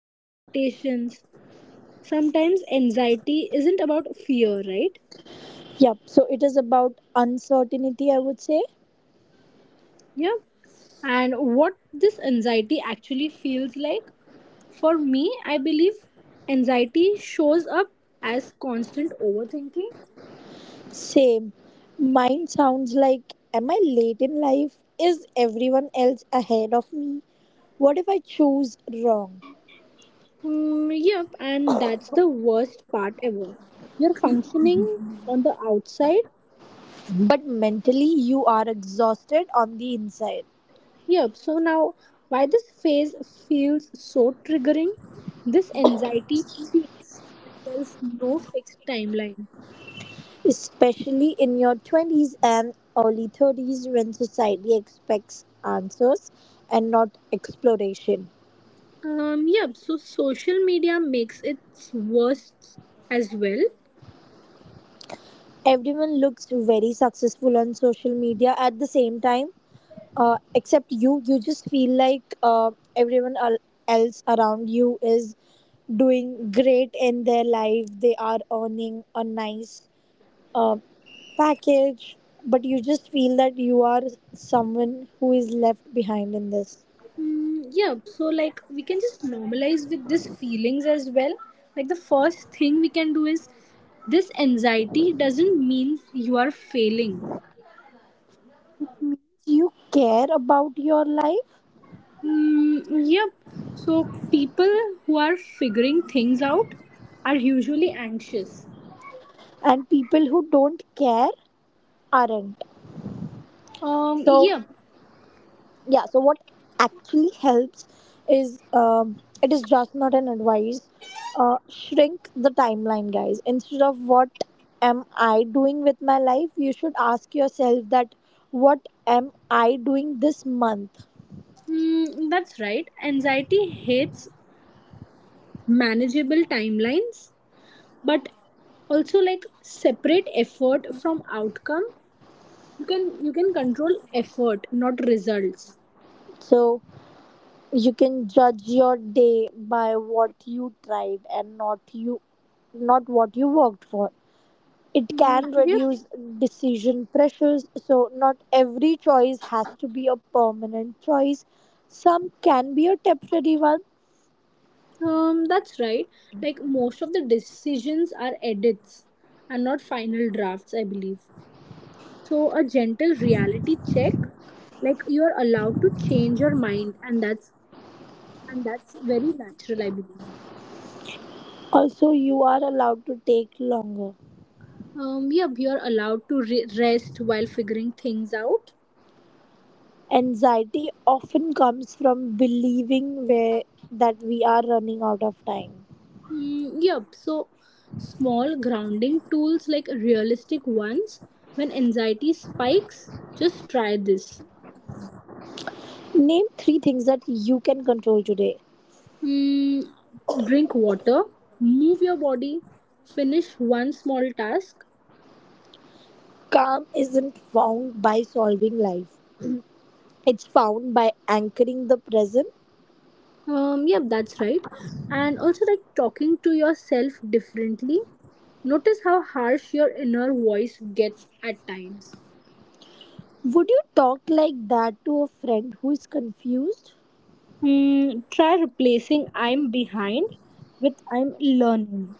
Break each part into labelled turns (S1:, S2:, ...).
S1: expectations. Sometimes anxiety isn't about fear, right?
S2: Yep, so it is about uncertainty, I would say.
S1: Yeah. And what this anxiety actually feels like? For me, I believe anxiety shows up as constant overthinking.
S2: Same. Mine sounds like, am I late in life? Is everyone else ahead of me? What if I choose wrong?
S1: Yep, and that's the worst part ever. You're functioning on the outside.
S2: But mentally, you are exhausted on the inside,
S1: Yep. So now, why this phase feels so triggering? This anxiety peaks when there is no fixed timeline.
S2: especially in your 20s and early 30s, when society expects answers and not exploration.
S1: Yep. So social media makes it worse as well.
S2: Everyone looks very successful on social media at the same time, except you. You just feel like everyone else around you is doing great in their life. They are earning a nice uh, package, but you just feel that you are someone who is left behind in this.
S1: Yeah. So like we can just normalize with these feelings as well. Like the first thing we can do is this anxiety doesn't mean you are failing.
S2: You care about your life,
S1: Yep. So people who are figuring things out are usually anxious.
S2: and people who don't care aren't. So
S1: Yep.
S2: yeah, so what actually helps is, it is just not an advice, shrink the timeline, guys. Instead of what am I doing with my life, you should ask yourself that, what am I doing this month?
S1: That's right. Anxiety hates manageable timelines, but also like separate effort from outcome. You can control effort, not results.
S2: So you can judge your day by what you tried, and not you not what you worked for. It
S1: Mm,
S2: can
S1: Yep.
S2: reduce decision pressures, so not every choice has to be a permanent choice. Some can be a temporary one.
S1: That's right. Like most of the decisions are edits and not final drafts, I believe. So, a gentle reality check, like you're allowed to change your mind, and that's very natural, I believe.
S2: Also, you are allowed to take longer.
S1: Yep, you're allowed to rest while figuring things out.
S2: Anxiety often comes from believing where, that we are running out of time.
S1: Yep, so small grounding tools like realistic ones. When anxiety spikes, just try this.
S2: Name three things that you can control today.
S1: Mm, Drink water, move your body, finish one small task.
S2: Calm isn't found by solving life, it's found by anchoring the present.
S1: Yep, that's right. And also, like talking to yourself differently. Notice how harsh your inner voice gets at times.
S2: Would you talk like that to a friend who is confused?
S1: Hmm. Try replacing I'm behind with I'm learning.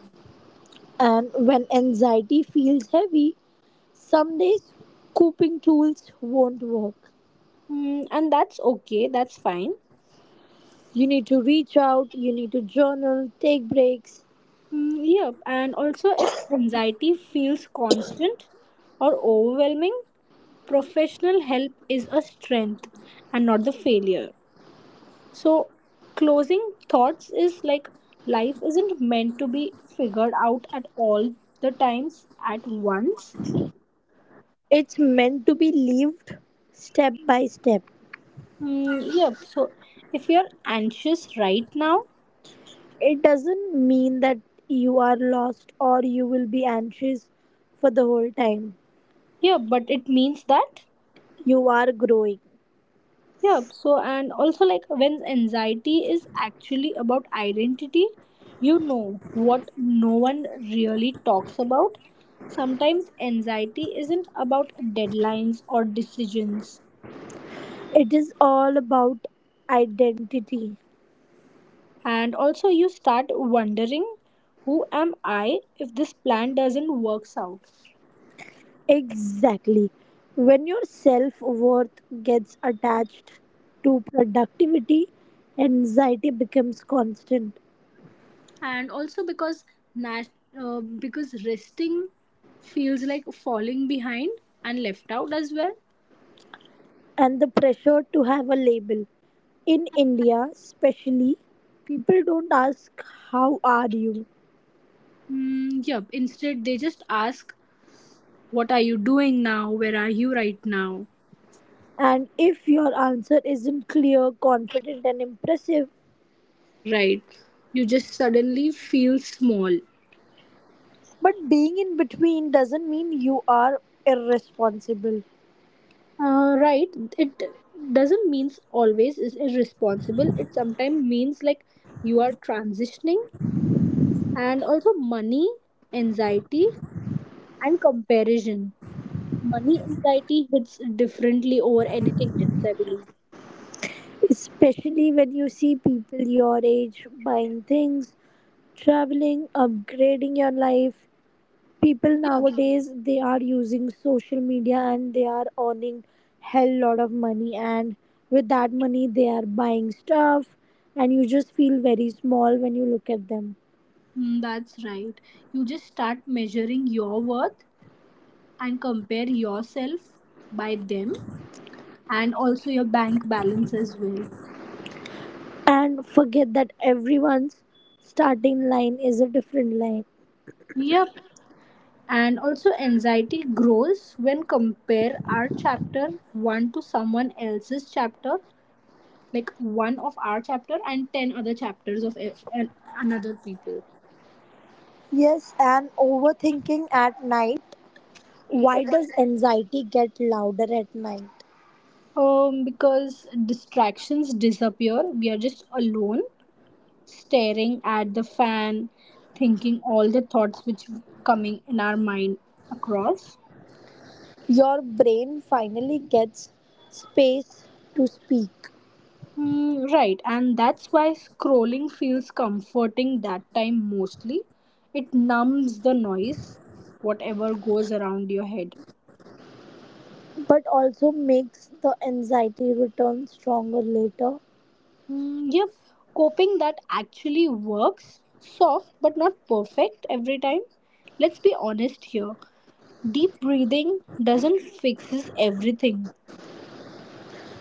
S2: And when anxiety feels heavy, some days coping tools won't work.
S1: Hmm. And that's okay, that's fine.
S2: You need to reach out, you need to journal, take breaks.
S1: Hmm. Yep, and also, if anxiety feels constant or overwhelming, professional help is a strength and not the failure. So, closing thoughts is like life isn't meant to be figured out at all the times at once.
S2: It's meant to be lived step by step.
S1: Yeah, so if you're anxious right now,
S2: It doesn't mean that you are lost or you will be anxious for the whole time.
S1: yeah, but it means that.
S2: You are growing.
S1: Yeah, so and also like when anxiety is actually about identity, you know what no one really talks about. Sometimes anxiety isn't about deadlines or decisions.
S2: It is all about identity.
S1: And also, you start wondering who am I if this plan doesn't works out?
S2: Exactly. When your self worth gets attached to productivity, anxiety becomes constant,
S1: And also, because nat- because resting feels like falling behind and left out as well.
S2: and the pressure to have a label. In India, especially, people don't ask, how are you?
S1: Yep. Instead, they just ask, "What are you doing now? Where are you right now?"
S2: And if your answer isn't clear, confident, and impressive,
S1: Right. You just suddenly feel small.
S2: but being in between doesn't mean you are irresponsible.
S1: Right. It doesn't means always is irresponsible. It sometimes means like you are transitioning, and also money anxiety and comparison, money anxiety hits differently over anything else, I believe.
S2: Especially when you see people your age buying things, traveling, upgrading your life. People
S1: Yeah.
S2: nowadays, they are using social media and they are earning hell lot of money, and with that money they are buying stuff, and you just feel very small when you look at them.
S1: That's right, you just start measuring your worth and compare yourself by them and also your bank balance as well.
S2: And forget that everyone's starting line is a different line.
S1: Yep, and also anxiety grows when compare our chapter 1 to someone else's chapter, like one of our chapter and 10 other chapters of an- another people.
S2: Yes, and overthinking at night. Why does anxiety get louder at night?
S1: Because distractions disappear, we are just alone staring at the fan thinking all the thoughts which coming in our mind across.
S2: Your brain finally gets space to speak,
S1: Right, and that's why scrolling feels comforting that time mostly. It numbs the noise, whatever goes around your head.
S2: but also makes the anxiety return stronger later.
S1: Yep, coping that actually works. Soft but not perfect every time. Let's be honest here. Deep breathing doesn't fixes everything.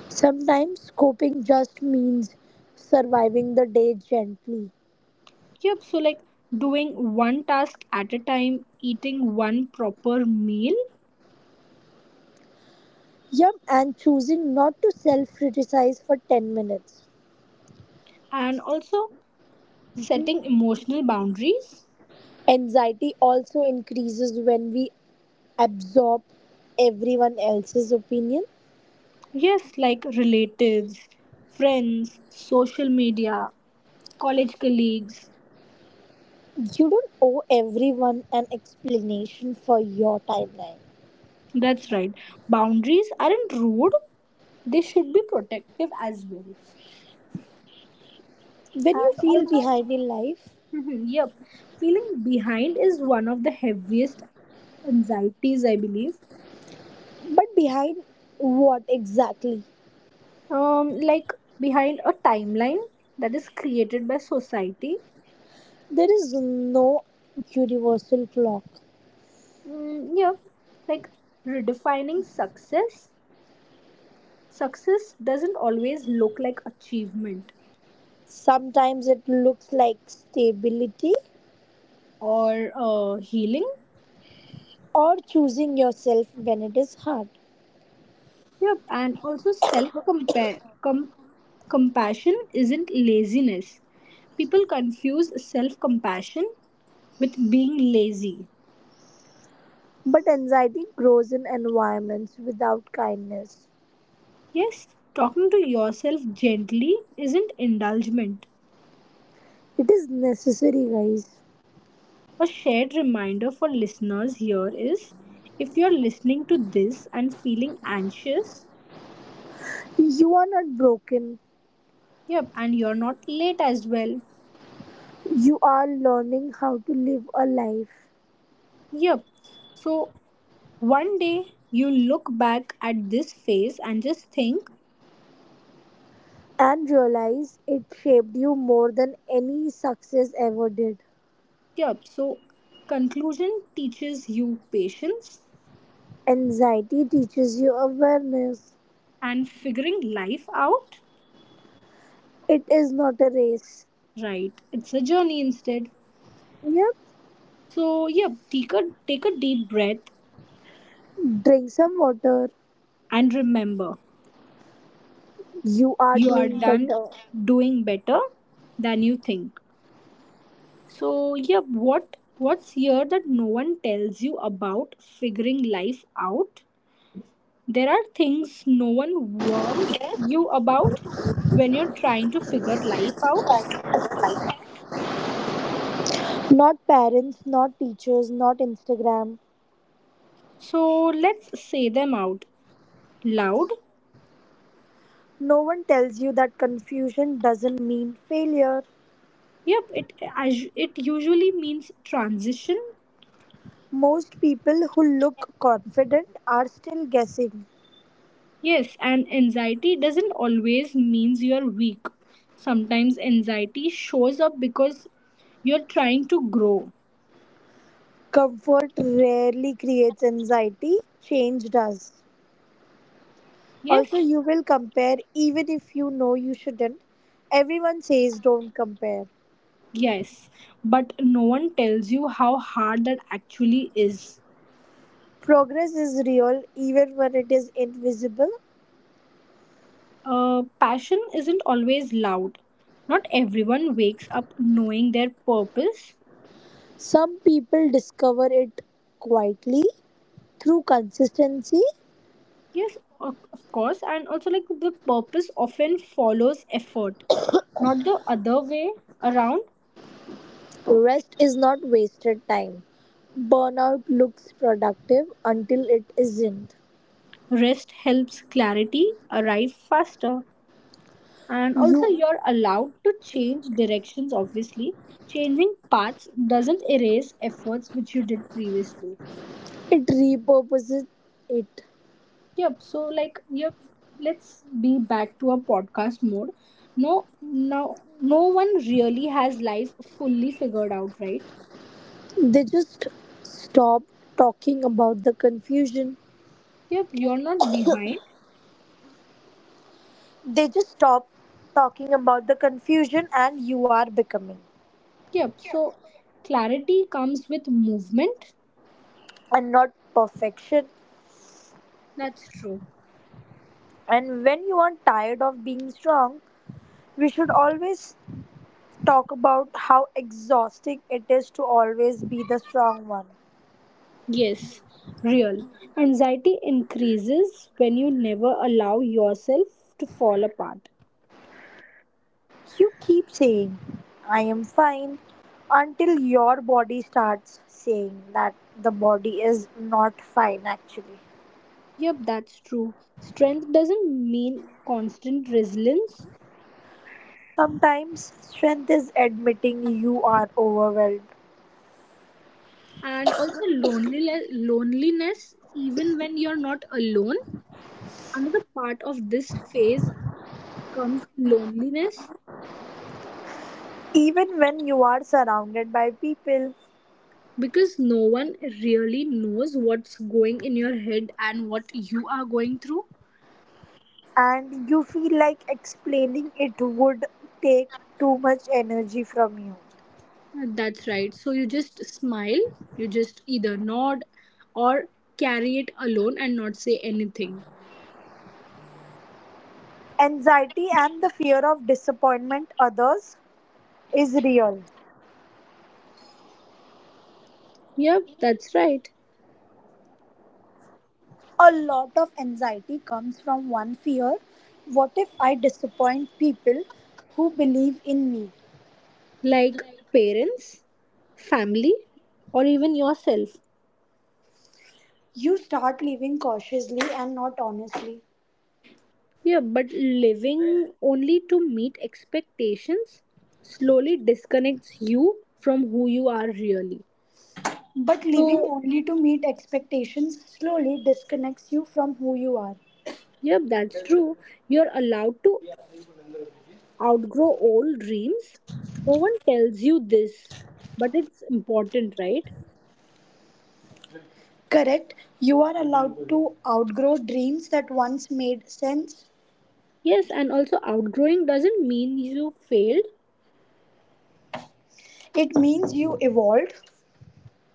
S2: Sometimes coping just means surviving the day gently.
S1: Yep, so like doing one task at a time, eating one proper meal,
S2: Yep, and choosing not to self criticize for 10 minutes.
S1: and also
S2: Mhm.
S1: setting emotional boundaries.
S2: Anxiety also increases when we absorb everyone else's opinion.
S1: Yes, like relatives, friends, social media, college colleagues.
S2: You don't owe everyone an explanation for your timeline.
S1: That's right. Boundaries aren't rude, they should be protective as well.
S2: When you
S1: And
S2: feel
S1: also,
S2: behind in life,
S1: mhm, yep, feeling behind is one of the heaviest anxieties, I believe.
S2: but behind what exactly?
S1: Like behind a timeline that is created by society.
S2: There is no universal clock.
S1: Yep, like redefining success. Success doesn't always look like achievement
S2: Sometimes it looks like stability,
S1: or healing.
S2: or choosing yourself when it is hard.
S1: Yep, and also compassion isn't laziness. People confuse self compassion with being lazy.
S2: But anxiety grows in environments without kindness.
S1: Yes, talking to yourself gently isn't indulgement.
S2: It is necessary, guys.
S1: A shared reminder for listeners here is if you're listening to this and feeling anxious,
S2: You are not broken.
S1: yep, and you're not late as well,
S2: You are learning how to live a life
S1: yep. So one day you look back at this phase and just think.
S2: and realize it shaped you more than any success ever did.
S1: Yep. So, conclusion teaches you patience
S2: Anxiety teaches you awareness.
S1: and figuring life out.
S2: It is not a race.
S1: Right. It's a journey instead.
S2: Yep.
S1: So, yep. Take a deep breath
S2: Drink some water,
S1: and remember,
S2: you are
S1: you are
S2: doing
S1: done
S2: better.
S1: doing better than you think. So, yep. What's here that no one tells you about figuring life out? There are things no one warns you about when you're trying to figure life out.
S3: Not parents, not teachers, not Instagram.
S1: So let's say them out loud.
S3: No one tells you that confusion doesn't mean failure.
S1: Yep, it usually means transition.
S3: Most people who look confident are still guessing.
S1: Yes, and anxiety doesn't always means you're weak. Sometimes anxiety shows up because you're trying to grow.
S3: Comfort rarely creates anxiety, change does. Also,
S1: Yes.
S3: you will compare even if you know you shouldn't. Everyone says don't compare.
S1: Yes, but no one tells you how hard that actually is.
S3: Progress is real even when it is invisible.
S1: Passion isn't always loud. Not everyone wakes up knowing their purpose.
S3: Some people discover it quietly through consistency.
S1: Yes, of course, and also like the purpose often follows effort, not the other way around.
S3: Rest is not wasted time. Burnout looks productive until it isn't.
S1: Rest helps clarity arrive faster, and also
S3: You
S1: you're allowed to change directions. Obviously, changing paths doesn't erase efforts which you did previously.
S3: It repurposes it.
S1: Yep. So like yep, let's be back to our podcast mode. No, now no one really has life fully figured out, right?
S3: They just stop talking about the confusion.
S1: Yep. You're not behind.
S3: They just stop talking about the confusion and you are becoming
S1: Yep. So clarity comes with movement.
S3: and not perfection.
S1: That's true.
S3: And when you are tired of being strong, we should always talk about how exhausting it is to always be the strong one.
S1: Yes, real. Anxiety increases when you never allow yourself to fall apart.
S3: You keep saying, I am fine, until your body starts saying that the body is not fine actually.
S1: Yep, that's true. Strength doesn't mean constant resilience.
S3: Sometimes strength is admitting you are overwhelmed,
S1: And also loneliness even when you're not alone. Another part of this phase comes loneliness
S3: even when you are surrounded by people
S1: because no one really knows what's going in your head and what you are going through.
S3: and you feel like explaining it would take too much energy from you.
S1: That's right, so you just smile, you just either nod or carry it alone and not say anything.
S3: Anxiety and the fear of disappointment others is real.
S1: Yep, that's right.
S3: A lot of anxiety comes from one fear, what if I disappoint people who believe in me?
S1: Like parents, family, or even yourself.
S3: You start living cautiously and not honestly.
S1: Yeah, but living only to meet expectations slowly disconnects you from who you are really.
S3: But living
S1: So,
S3: only to meet expectations slowly disconnects you from who you are.
S1: yep, that's true. You're allowed to outgrow old dreams. No one tells you this, but it's important, right?
S3: Correct, you are allowed to outgrow dreams that once made sense.
S1: Yes, and also outgrowing doesn't mean you failed.
S3: It means you evolved.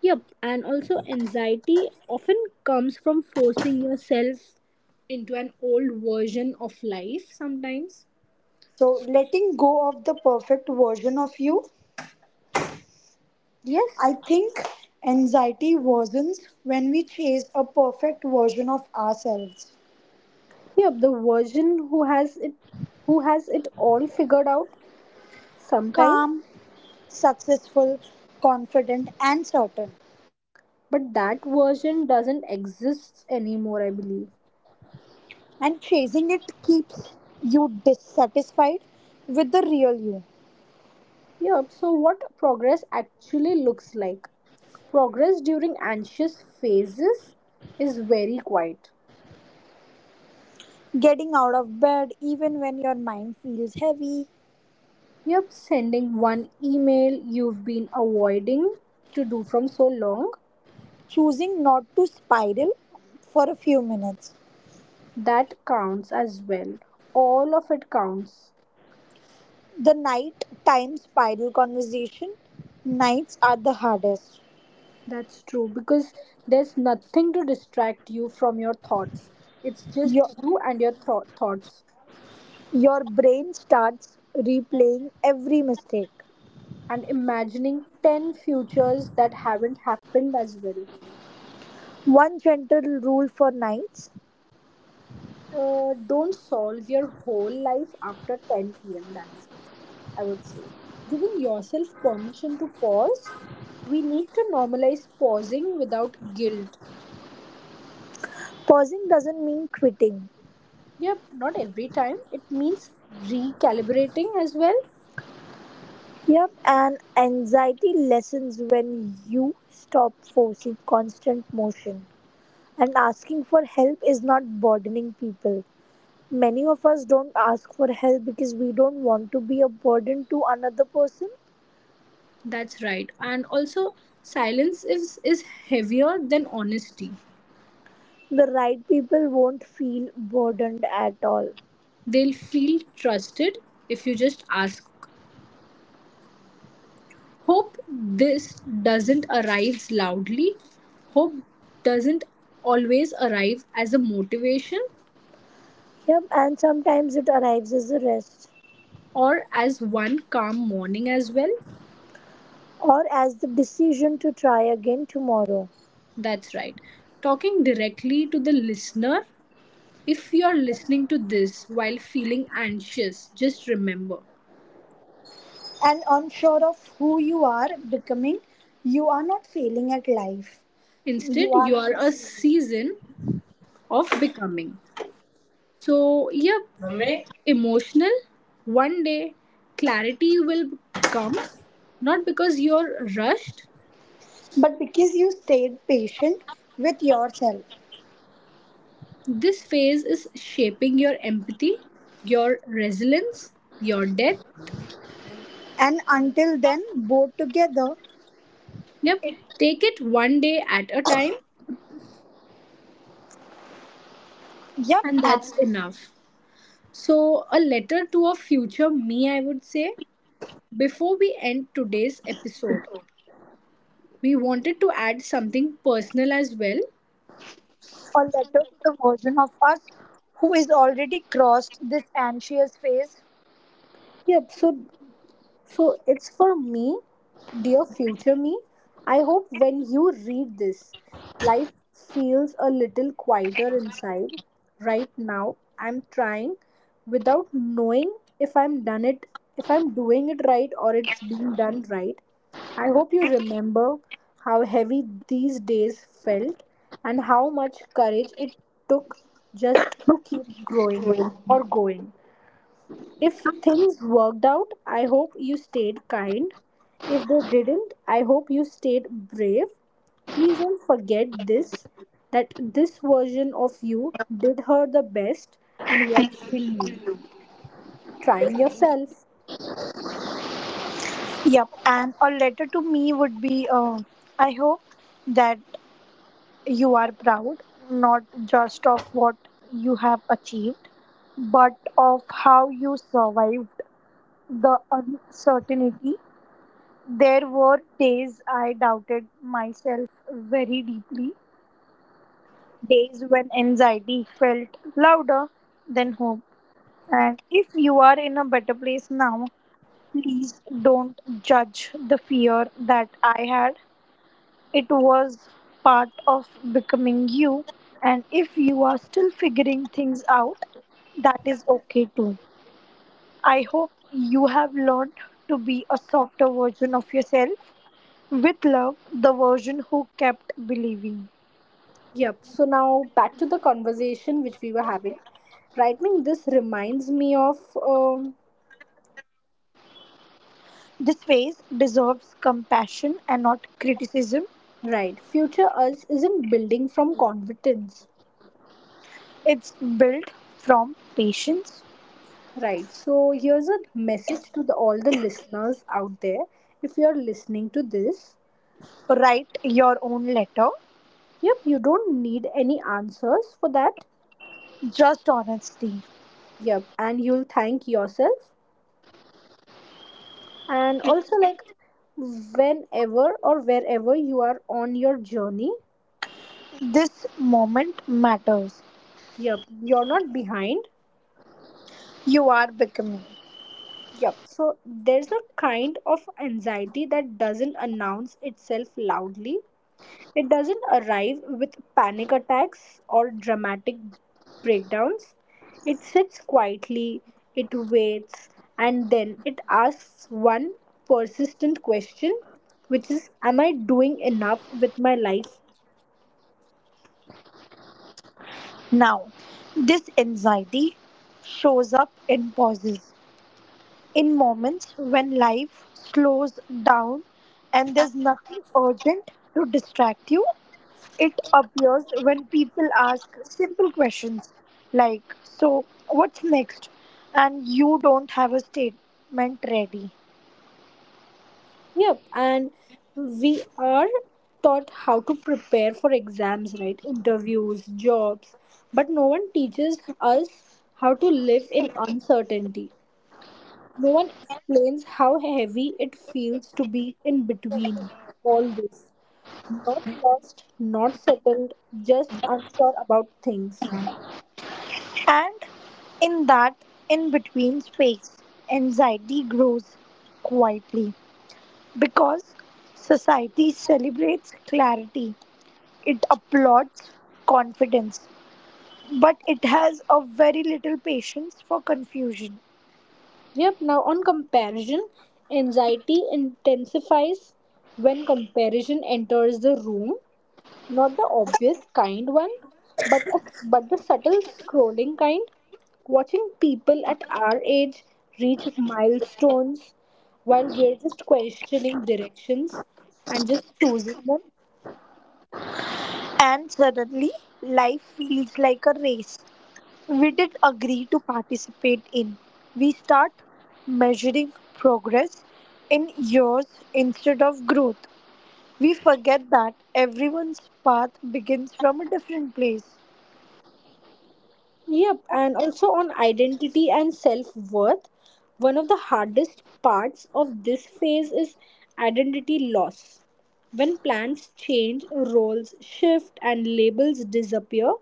S1: Yep, and also anxiety often comes from forcing yourself into an old version of life sometimes.
S3: So, letting go of the perfect version of you, I
S1: Yes.
S3: think anxiety worsens when we chase a perfect version of ourselves:
S1: Yep, the version who has it all figured out sometime,
S3: calm, successful, confident, and certain.
S1: but that version doesn't exist anymore, I believe.
S3: And chasing it keeps you dissatisfied with the real you.
S1: Yep. So what progress actually looks like? Progress during anxious phases is very quiet.
S3: Getting out of bed even when your mind feels heavy,
S1: Yep. Sending one email you've been avoiding to do from so long,
S3: choosing not to spiral for a few minutes.
S1: that counts as well. All of it counts.
S3: The night time spiral conversation, nights are the hardest.
S1: That's true because there's nothing to distract you from your thoughts. It's
S3: Your
S1: just you and your thoughts
S3: Your brain starts replaying every mistake.
S1: and imagining 10 futures that haven't happened as well.
S3: One gentle rule for nights:
S1: Uh, don't solve your whole life after 10 p.m. That's it, I would say. Giving yourself permission to pause. We need to normalize pausing without guilt.
S3: pausing doesn't mean quitting.
S1: Yep, not every time. It means recalibrating as well.
S3: Yep, and anxiety lessens when you stop forcing constant motion. And asking for help is not burdening people. Many of us don't ask for help because we don't want to be a burden to another person.
S1: That's right. And also, silence is heavier than honesty.
S3: The right people won't feel burdened at all.
S1: They'll feel trusted if you just ask. Hope this doesn't arrive loudly. Hope doesn't always arrive as a motivation
S3: Yep, and sometimes it arrives as a rest,
S1: or as one calm morning as well.
S3: or as the decision to try again tomorrow.
S1: That's right. Talking directly to the listener. If you are listening to this while feeling anxious, just remember.
S3: And unsure of who you are becoming, you are not failing at life.
S1: Instead,
S3: You are
S1: you are
S3: in a
S1: a
S3: season.
S1: season of becoming. So, yep,
S3: Mummy?
S1: emotional. One day, clarity will come, not because you're rushed,
S3: But because you stayed patient with yourself,
S1: this phase is shaping your empathy, your resilience, your depth.
S3: and until then, both together,
S1: Yep, take it one day at a time,
S3: yep,
S1: and
S3: and
S1: that's enough. So, a letter to a future me, I would say. Before we end today's episode, we wanted to add something personal as well.
S3: a letter to the version of us who is already crossed this anxious phase,
S1: Yep, so so it's for me, dear future me. I hope when you read this, life feels a little quieter inside. Right now, I'm trying without knowing if I'm done it, if I'm doing it right or it's being done right. I hope you remember how heavy these days felt and how much courage it took just to keep growing or going. If things worked out, I hope you stayed kind. If they didn't, I hope you stayed brave. Please don't forget this that this version of you did her the best and what she knew. Trying yourself.
S3: yep, and a letter to me would be, I hope that you are proud not just of what you have achieved, but of how you survived the uncertainty. There were days I doubted myself very deeply, days when anxiety felt louder than hope. And if you are in a better place now, please don't judge the fear that I had. It was part of becoming you, and if you are still figuring things out, that is okay too. I hope you have learned to be a softer version of yourself. With love, the version who kept believing.
S1: Yep, so now back to the conversation which we were having. Right, Ming, this reminds me of
S3: This phase deserves compassion and not criticism.
S1: right, future us isn't building from confidence.
S3: It's built from patience.
S1: Right. So here's a message to the, all the listeners out there. If you're listening to this,
S3: Write your own letter,
S1: yep, you don't need any answers for that.
S3: just honesty.
S1: Yep, and you'll thank yourself. And also, like, whenever or wherever you are on your journey,
S3: This moment matters.
S1: yep, you're not behind.
S3: You are becoming.
S1: Yep. So there's a kind of anxiety that doesn't announce itself loudly. It doesn't arrive with panic attacks or dramatic breakdowns. It sits quietly, it waits, and then it asks one persistent question, which is am I doing enough with my life?
S3: Now, this anxiety shows up in pauses, in moments when life slows down and there's nothing urgent to distract you. It appears when people ask simple questions like, so, what's next? And you don't have a statement ready.
S1: Yep, and we are taught how to prepare for exams, right? Interviews, jobs, but no one teaches us how to live in uncertainty. No one explains how heavy it feels to be in between all this. Not lost, not settled, just unsure about things.
S3: And in that in between space, anxiety grows quietly because society celebrates clarity. It applauds confidence, but it has a very little patience for confusion.
S1: Yep, now on comparison, anxiety intensifies when comparison enters the room. Not the obvious kind one, but but the subtle scrolling kind. Watching people at our age reach milestones while we're just questioning directions and just choosing them.
S3: And suddenly, life feels like a race we did agree to participate in. We start measuring progress in years instead of growth. We forget that everyone's path begins from a different place.
S1: Yep, and also on identity and self worth. One of the hardest parts of this phase is identity loss. When plans change, roles shift, and labels disappear,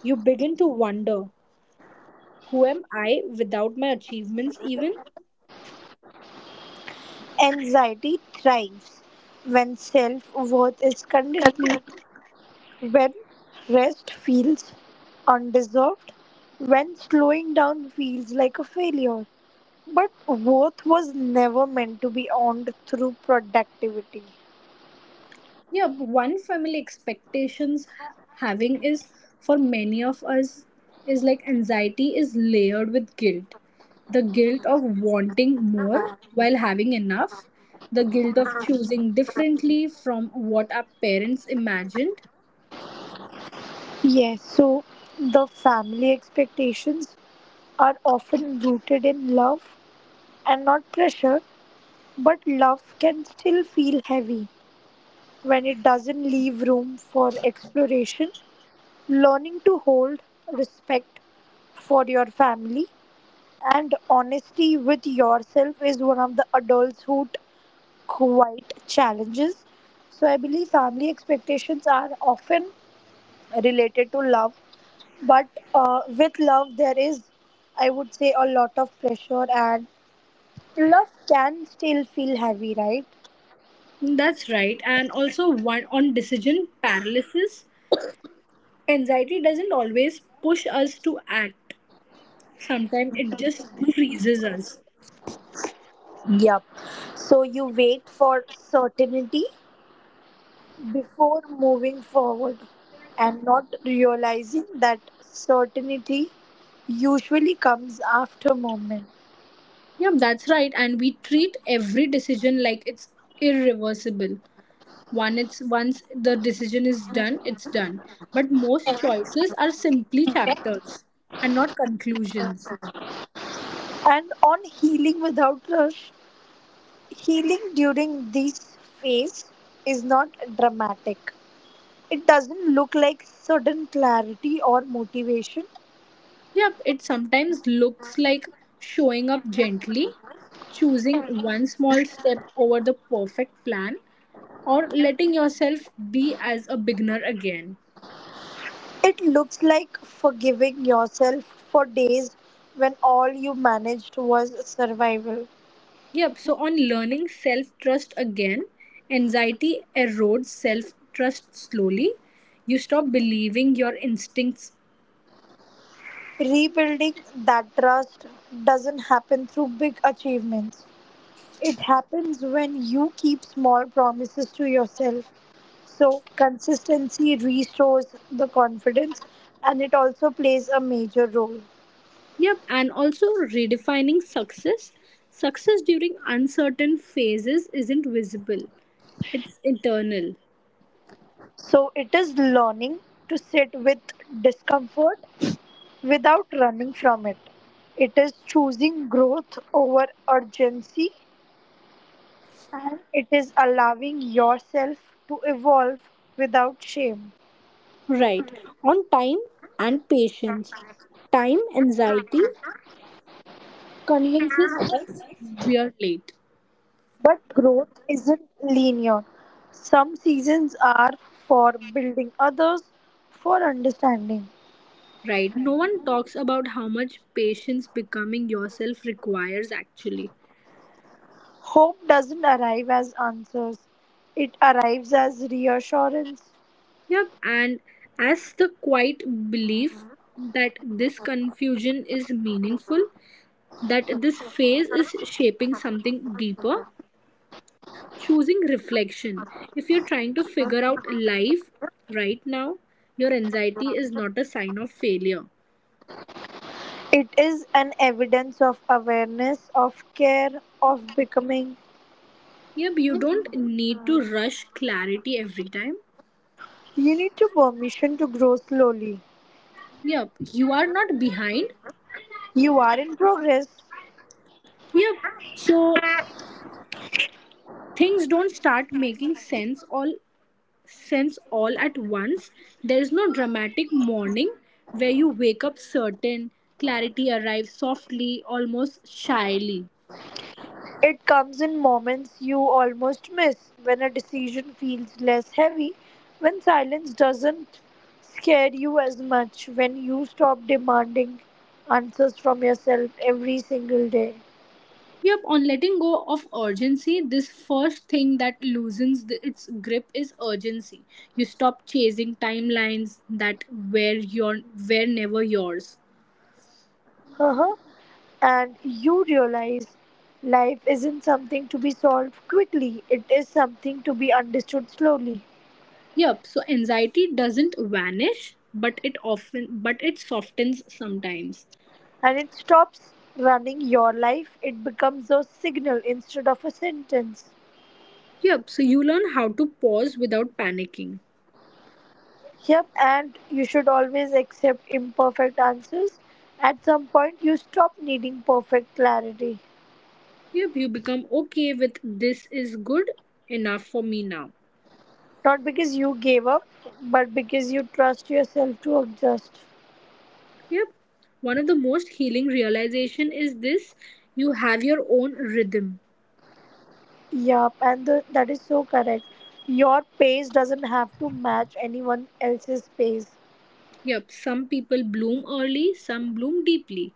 S1: you begin to wonder who am I without my achievements, even?
S3: Anxiety thrives when self worth is conditional. When rest feels undeserved, when slowing down feels like a failure. But worth was never meant to be earned through productivity.
S1: Yeah, one family expectations having is for many of us is like anxiety is layered with guilt. The guilt of wanting more while having enough, the guilt of choosing differently from what our parents imagined.
S3: Yes, so the family expectations are often rooted in love and not pressure, but love can still feel heavy when it doesn't leave room for exploration. Learning to hold respect for your family and honesty with yourself is one of the adulthood quite challenges. So I believe family expectations are often related to love, but with love there is, I would say, a lot of pressure, and love can still feel heavy, right?
S1: That's right, and also one on decision paralysis. Anxiety doesn't always push us to act. Sometimes it just freezes us.
S3: Yep. So you wait for certainty before moving forward and not realizing that certainty usually comes after moment.
S1: Yeah, that's right. And we treat every decision like it's irreversible. One, it's once the decision is done, it's done. But most choices are simply chapters and not conclusions.
S3: And on healing without rush, healing during this phase is not dramatic. It doesn't look like sudden clarity or motivation.
S1: Yep, it sometimes looks like showing up gently, choosing one small step over the perfect plan, or letting yourself be as a beginner again.
S3: It looks like forgiving yourself for days when all you managed was survival.
S1: Yep, so on learning self trust again, anxiety erodes self trust slowly. You stop believing your instincts.
S3: Rebuilding that trust doesn't happen through big achievements. It happens when you keep small promises to yourself. So, consistency restores the confidence and it also plays a major role.
S1: Yep, and also redefining success. Success during uncertain phases isn't visible, it's internal.
S3: So, it is learning to sit with discomfort without running from it. It is choosing growth over urgency. It is allowing yourself to evolve without shame.
S1: Right, on time and patience. Time anxiety convinces us we are late.
S3: But growth isn't linear. Some seasons are for building, others for understanding.
S1: Right, no one talks about how much patience becoming yourself requires actually.
S3: Hope doesn't arrive as answers, it arrives as reassurance.
S1: Yep, and as the quiet belief that this confusion is meaningful, that this phase is shaping something deeper, choosing reflection. If you're trying to figure out life right now, your anxiety is not a sign of failure.
S3: It is an evidence of awareness, of care, of becoming.
S1: Yep, you don't need to rush clarity every time.
S3: You need to permission to grow slowly.
S1: Yep, you are not behind.
S3: You are in progress.
S1: Yep, so things don't start making sense all at once. There is no dramatic morning where you wake up certain, clarity arrives softly, almost shyly.
S3: It comes in moments you almost miss, when a decision feels less heavy, when silence doesn't scare you as much, when you stop demanding answers from yourself every single day.
S1: Yep, on letting go of urgency, this first thing that loosens its grip is urgency. You stop chasing timelines that were your were never yours.
S3: Uh-huh. And you realize life isn't something to be solved quickly, it is something to be understood slowly.
S1: Yep, so anxiety doesn't vanish, but it softens sometimes.
S3: And it stops running your life, it becomes a signal instead of a sentence.
S1: Yep, so you learn how to pause without panicking.
S3: Yep, and you should always accept imperfect answers. At some point, you stop needing perfect clarity.
S1: Yep, you become okay with this is good enough for me now.
S3: Not because you gave up, but because you trust yourself to adjust.
S1: Yep. One of the most healing realization is this you have your own rhythm.
S3: Yep, and that is so correct. Your pace doesn't have to match anyone else's pace,
S1: Yep, some people bloom early, some bloom deeply.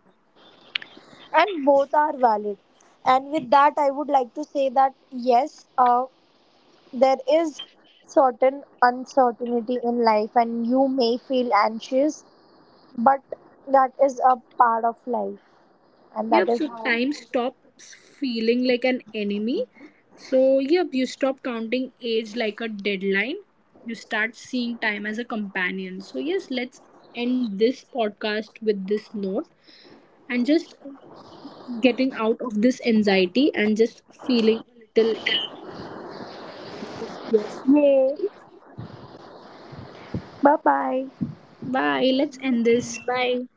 S3: and both are valid. And with that, I would like to say that yes, there is certain uncertainty in life, and you may feel anxious. But that is a part of life. And that
S1: Yep,
S3: is
S1: so
S3: how.
S1: time stops feeling like an enemy. So, yep, you stop counting age like a deadline. You start seeing time as a companion. So, yes, let's end this podcast with this note and just getting out of this anxiety and just feeling a little comfort to your own
S3: Yay.
S1: self.
S3: Bye bye.
S1: Bye. Let's end this. Bye.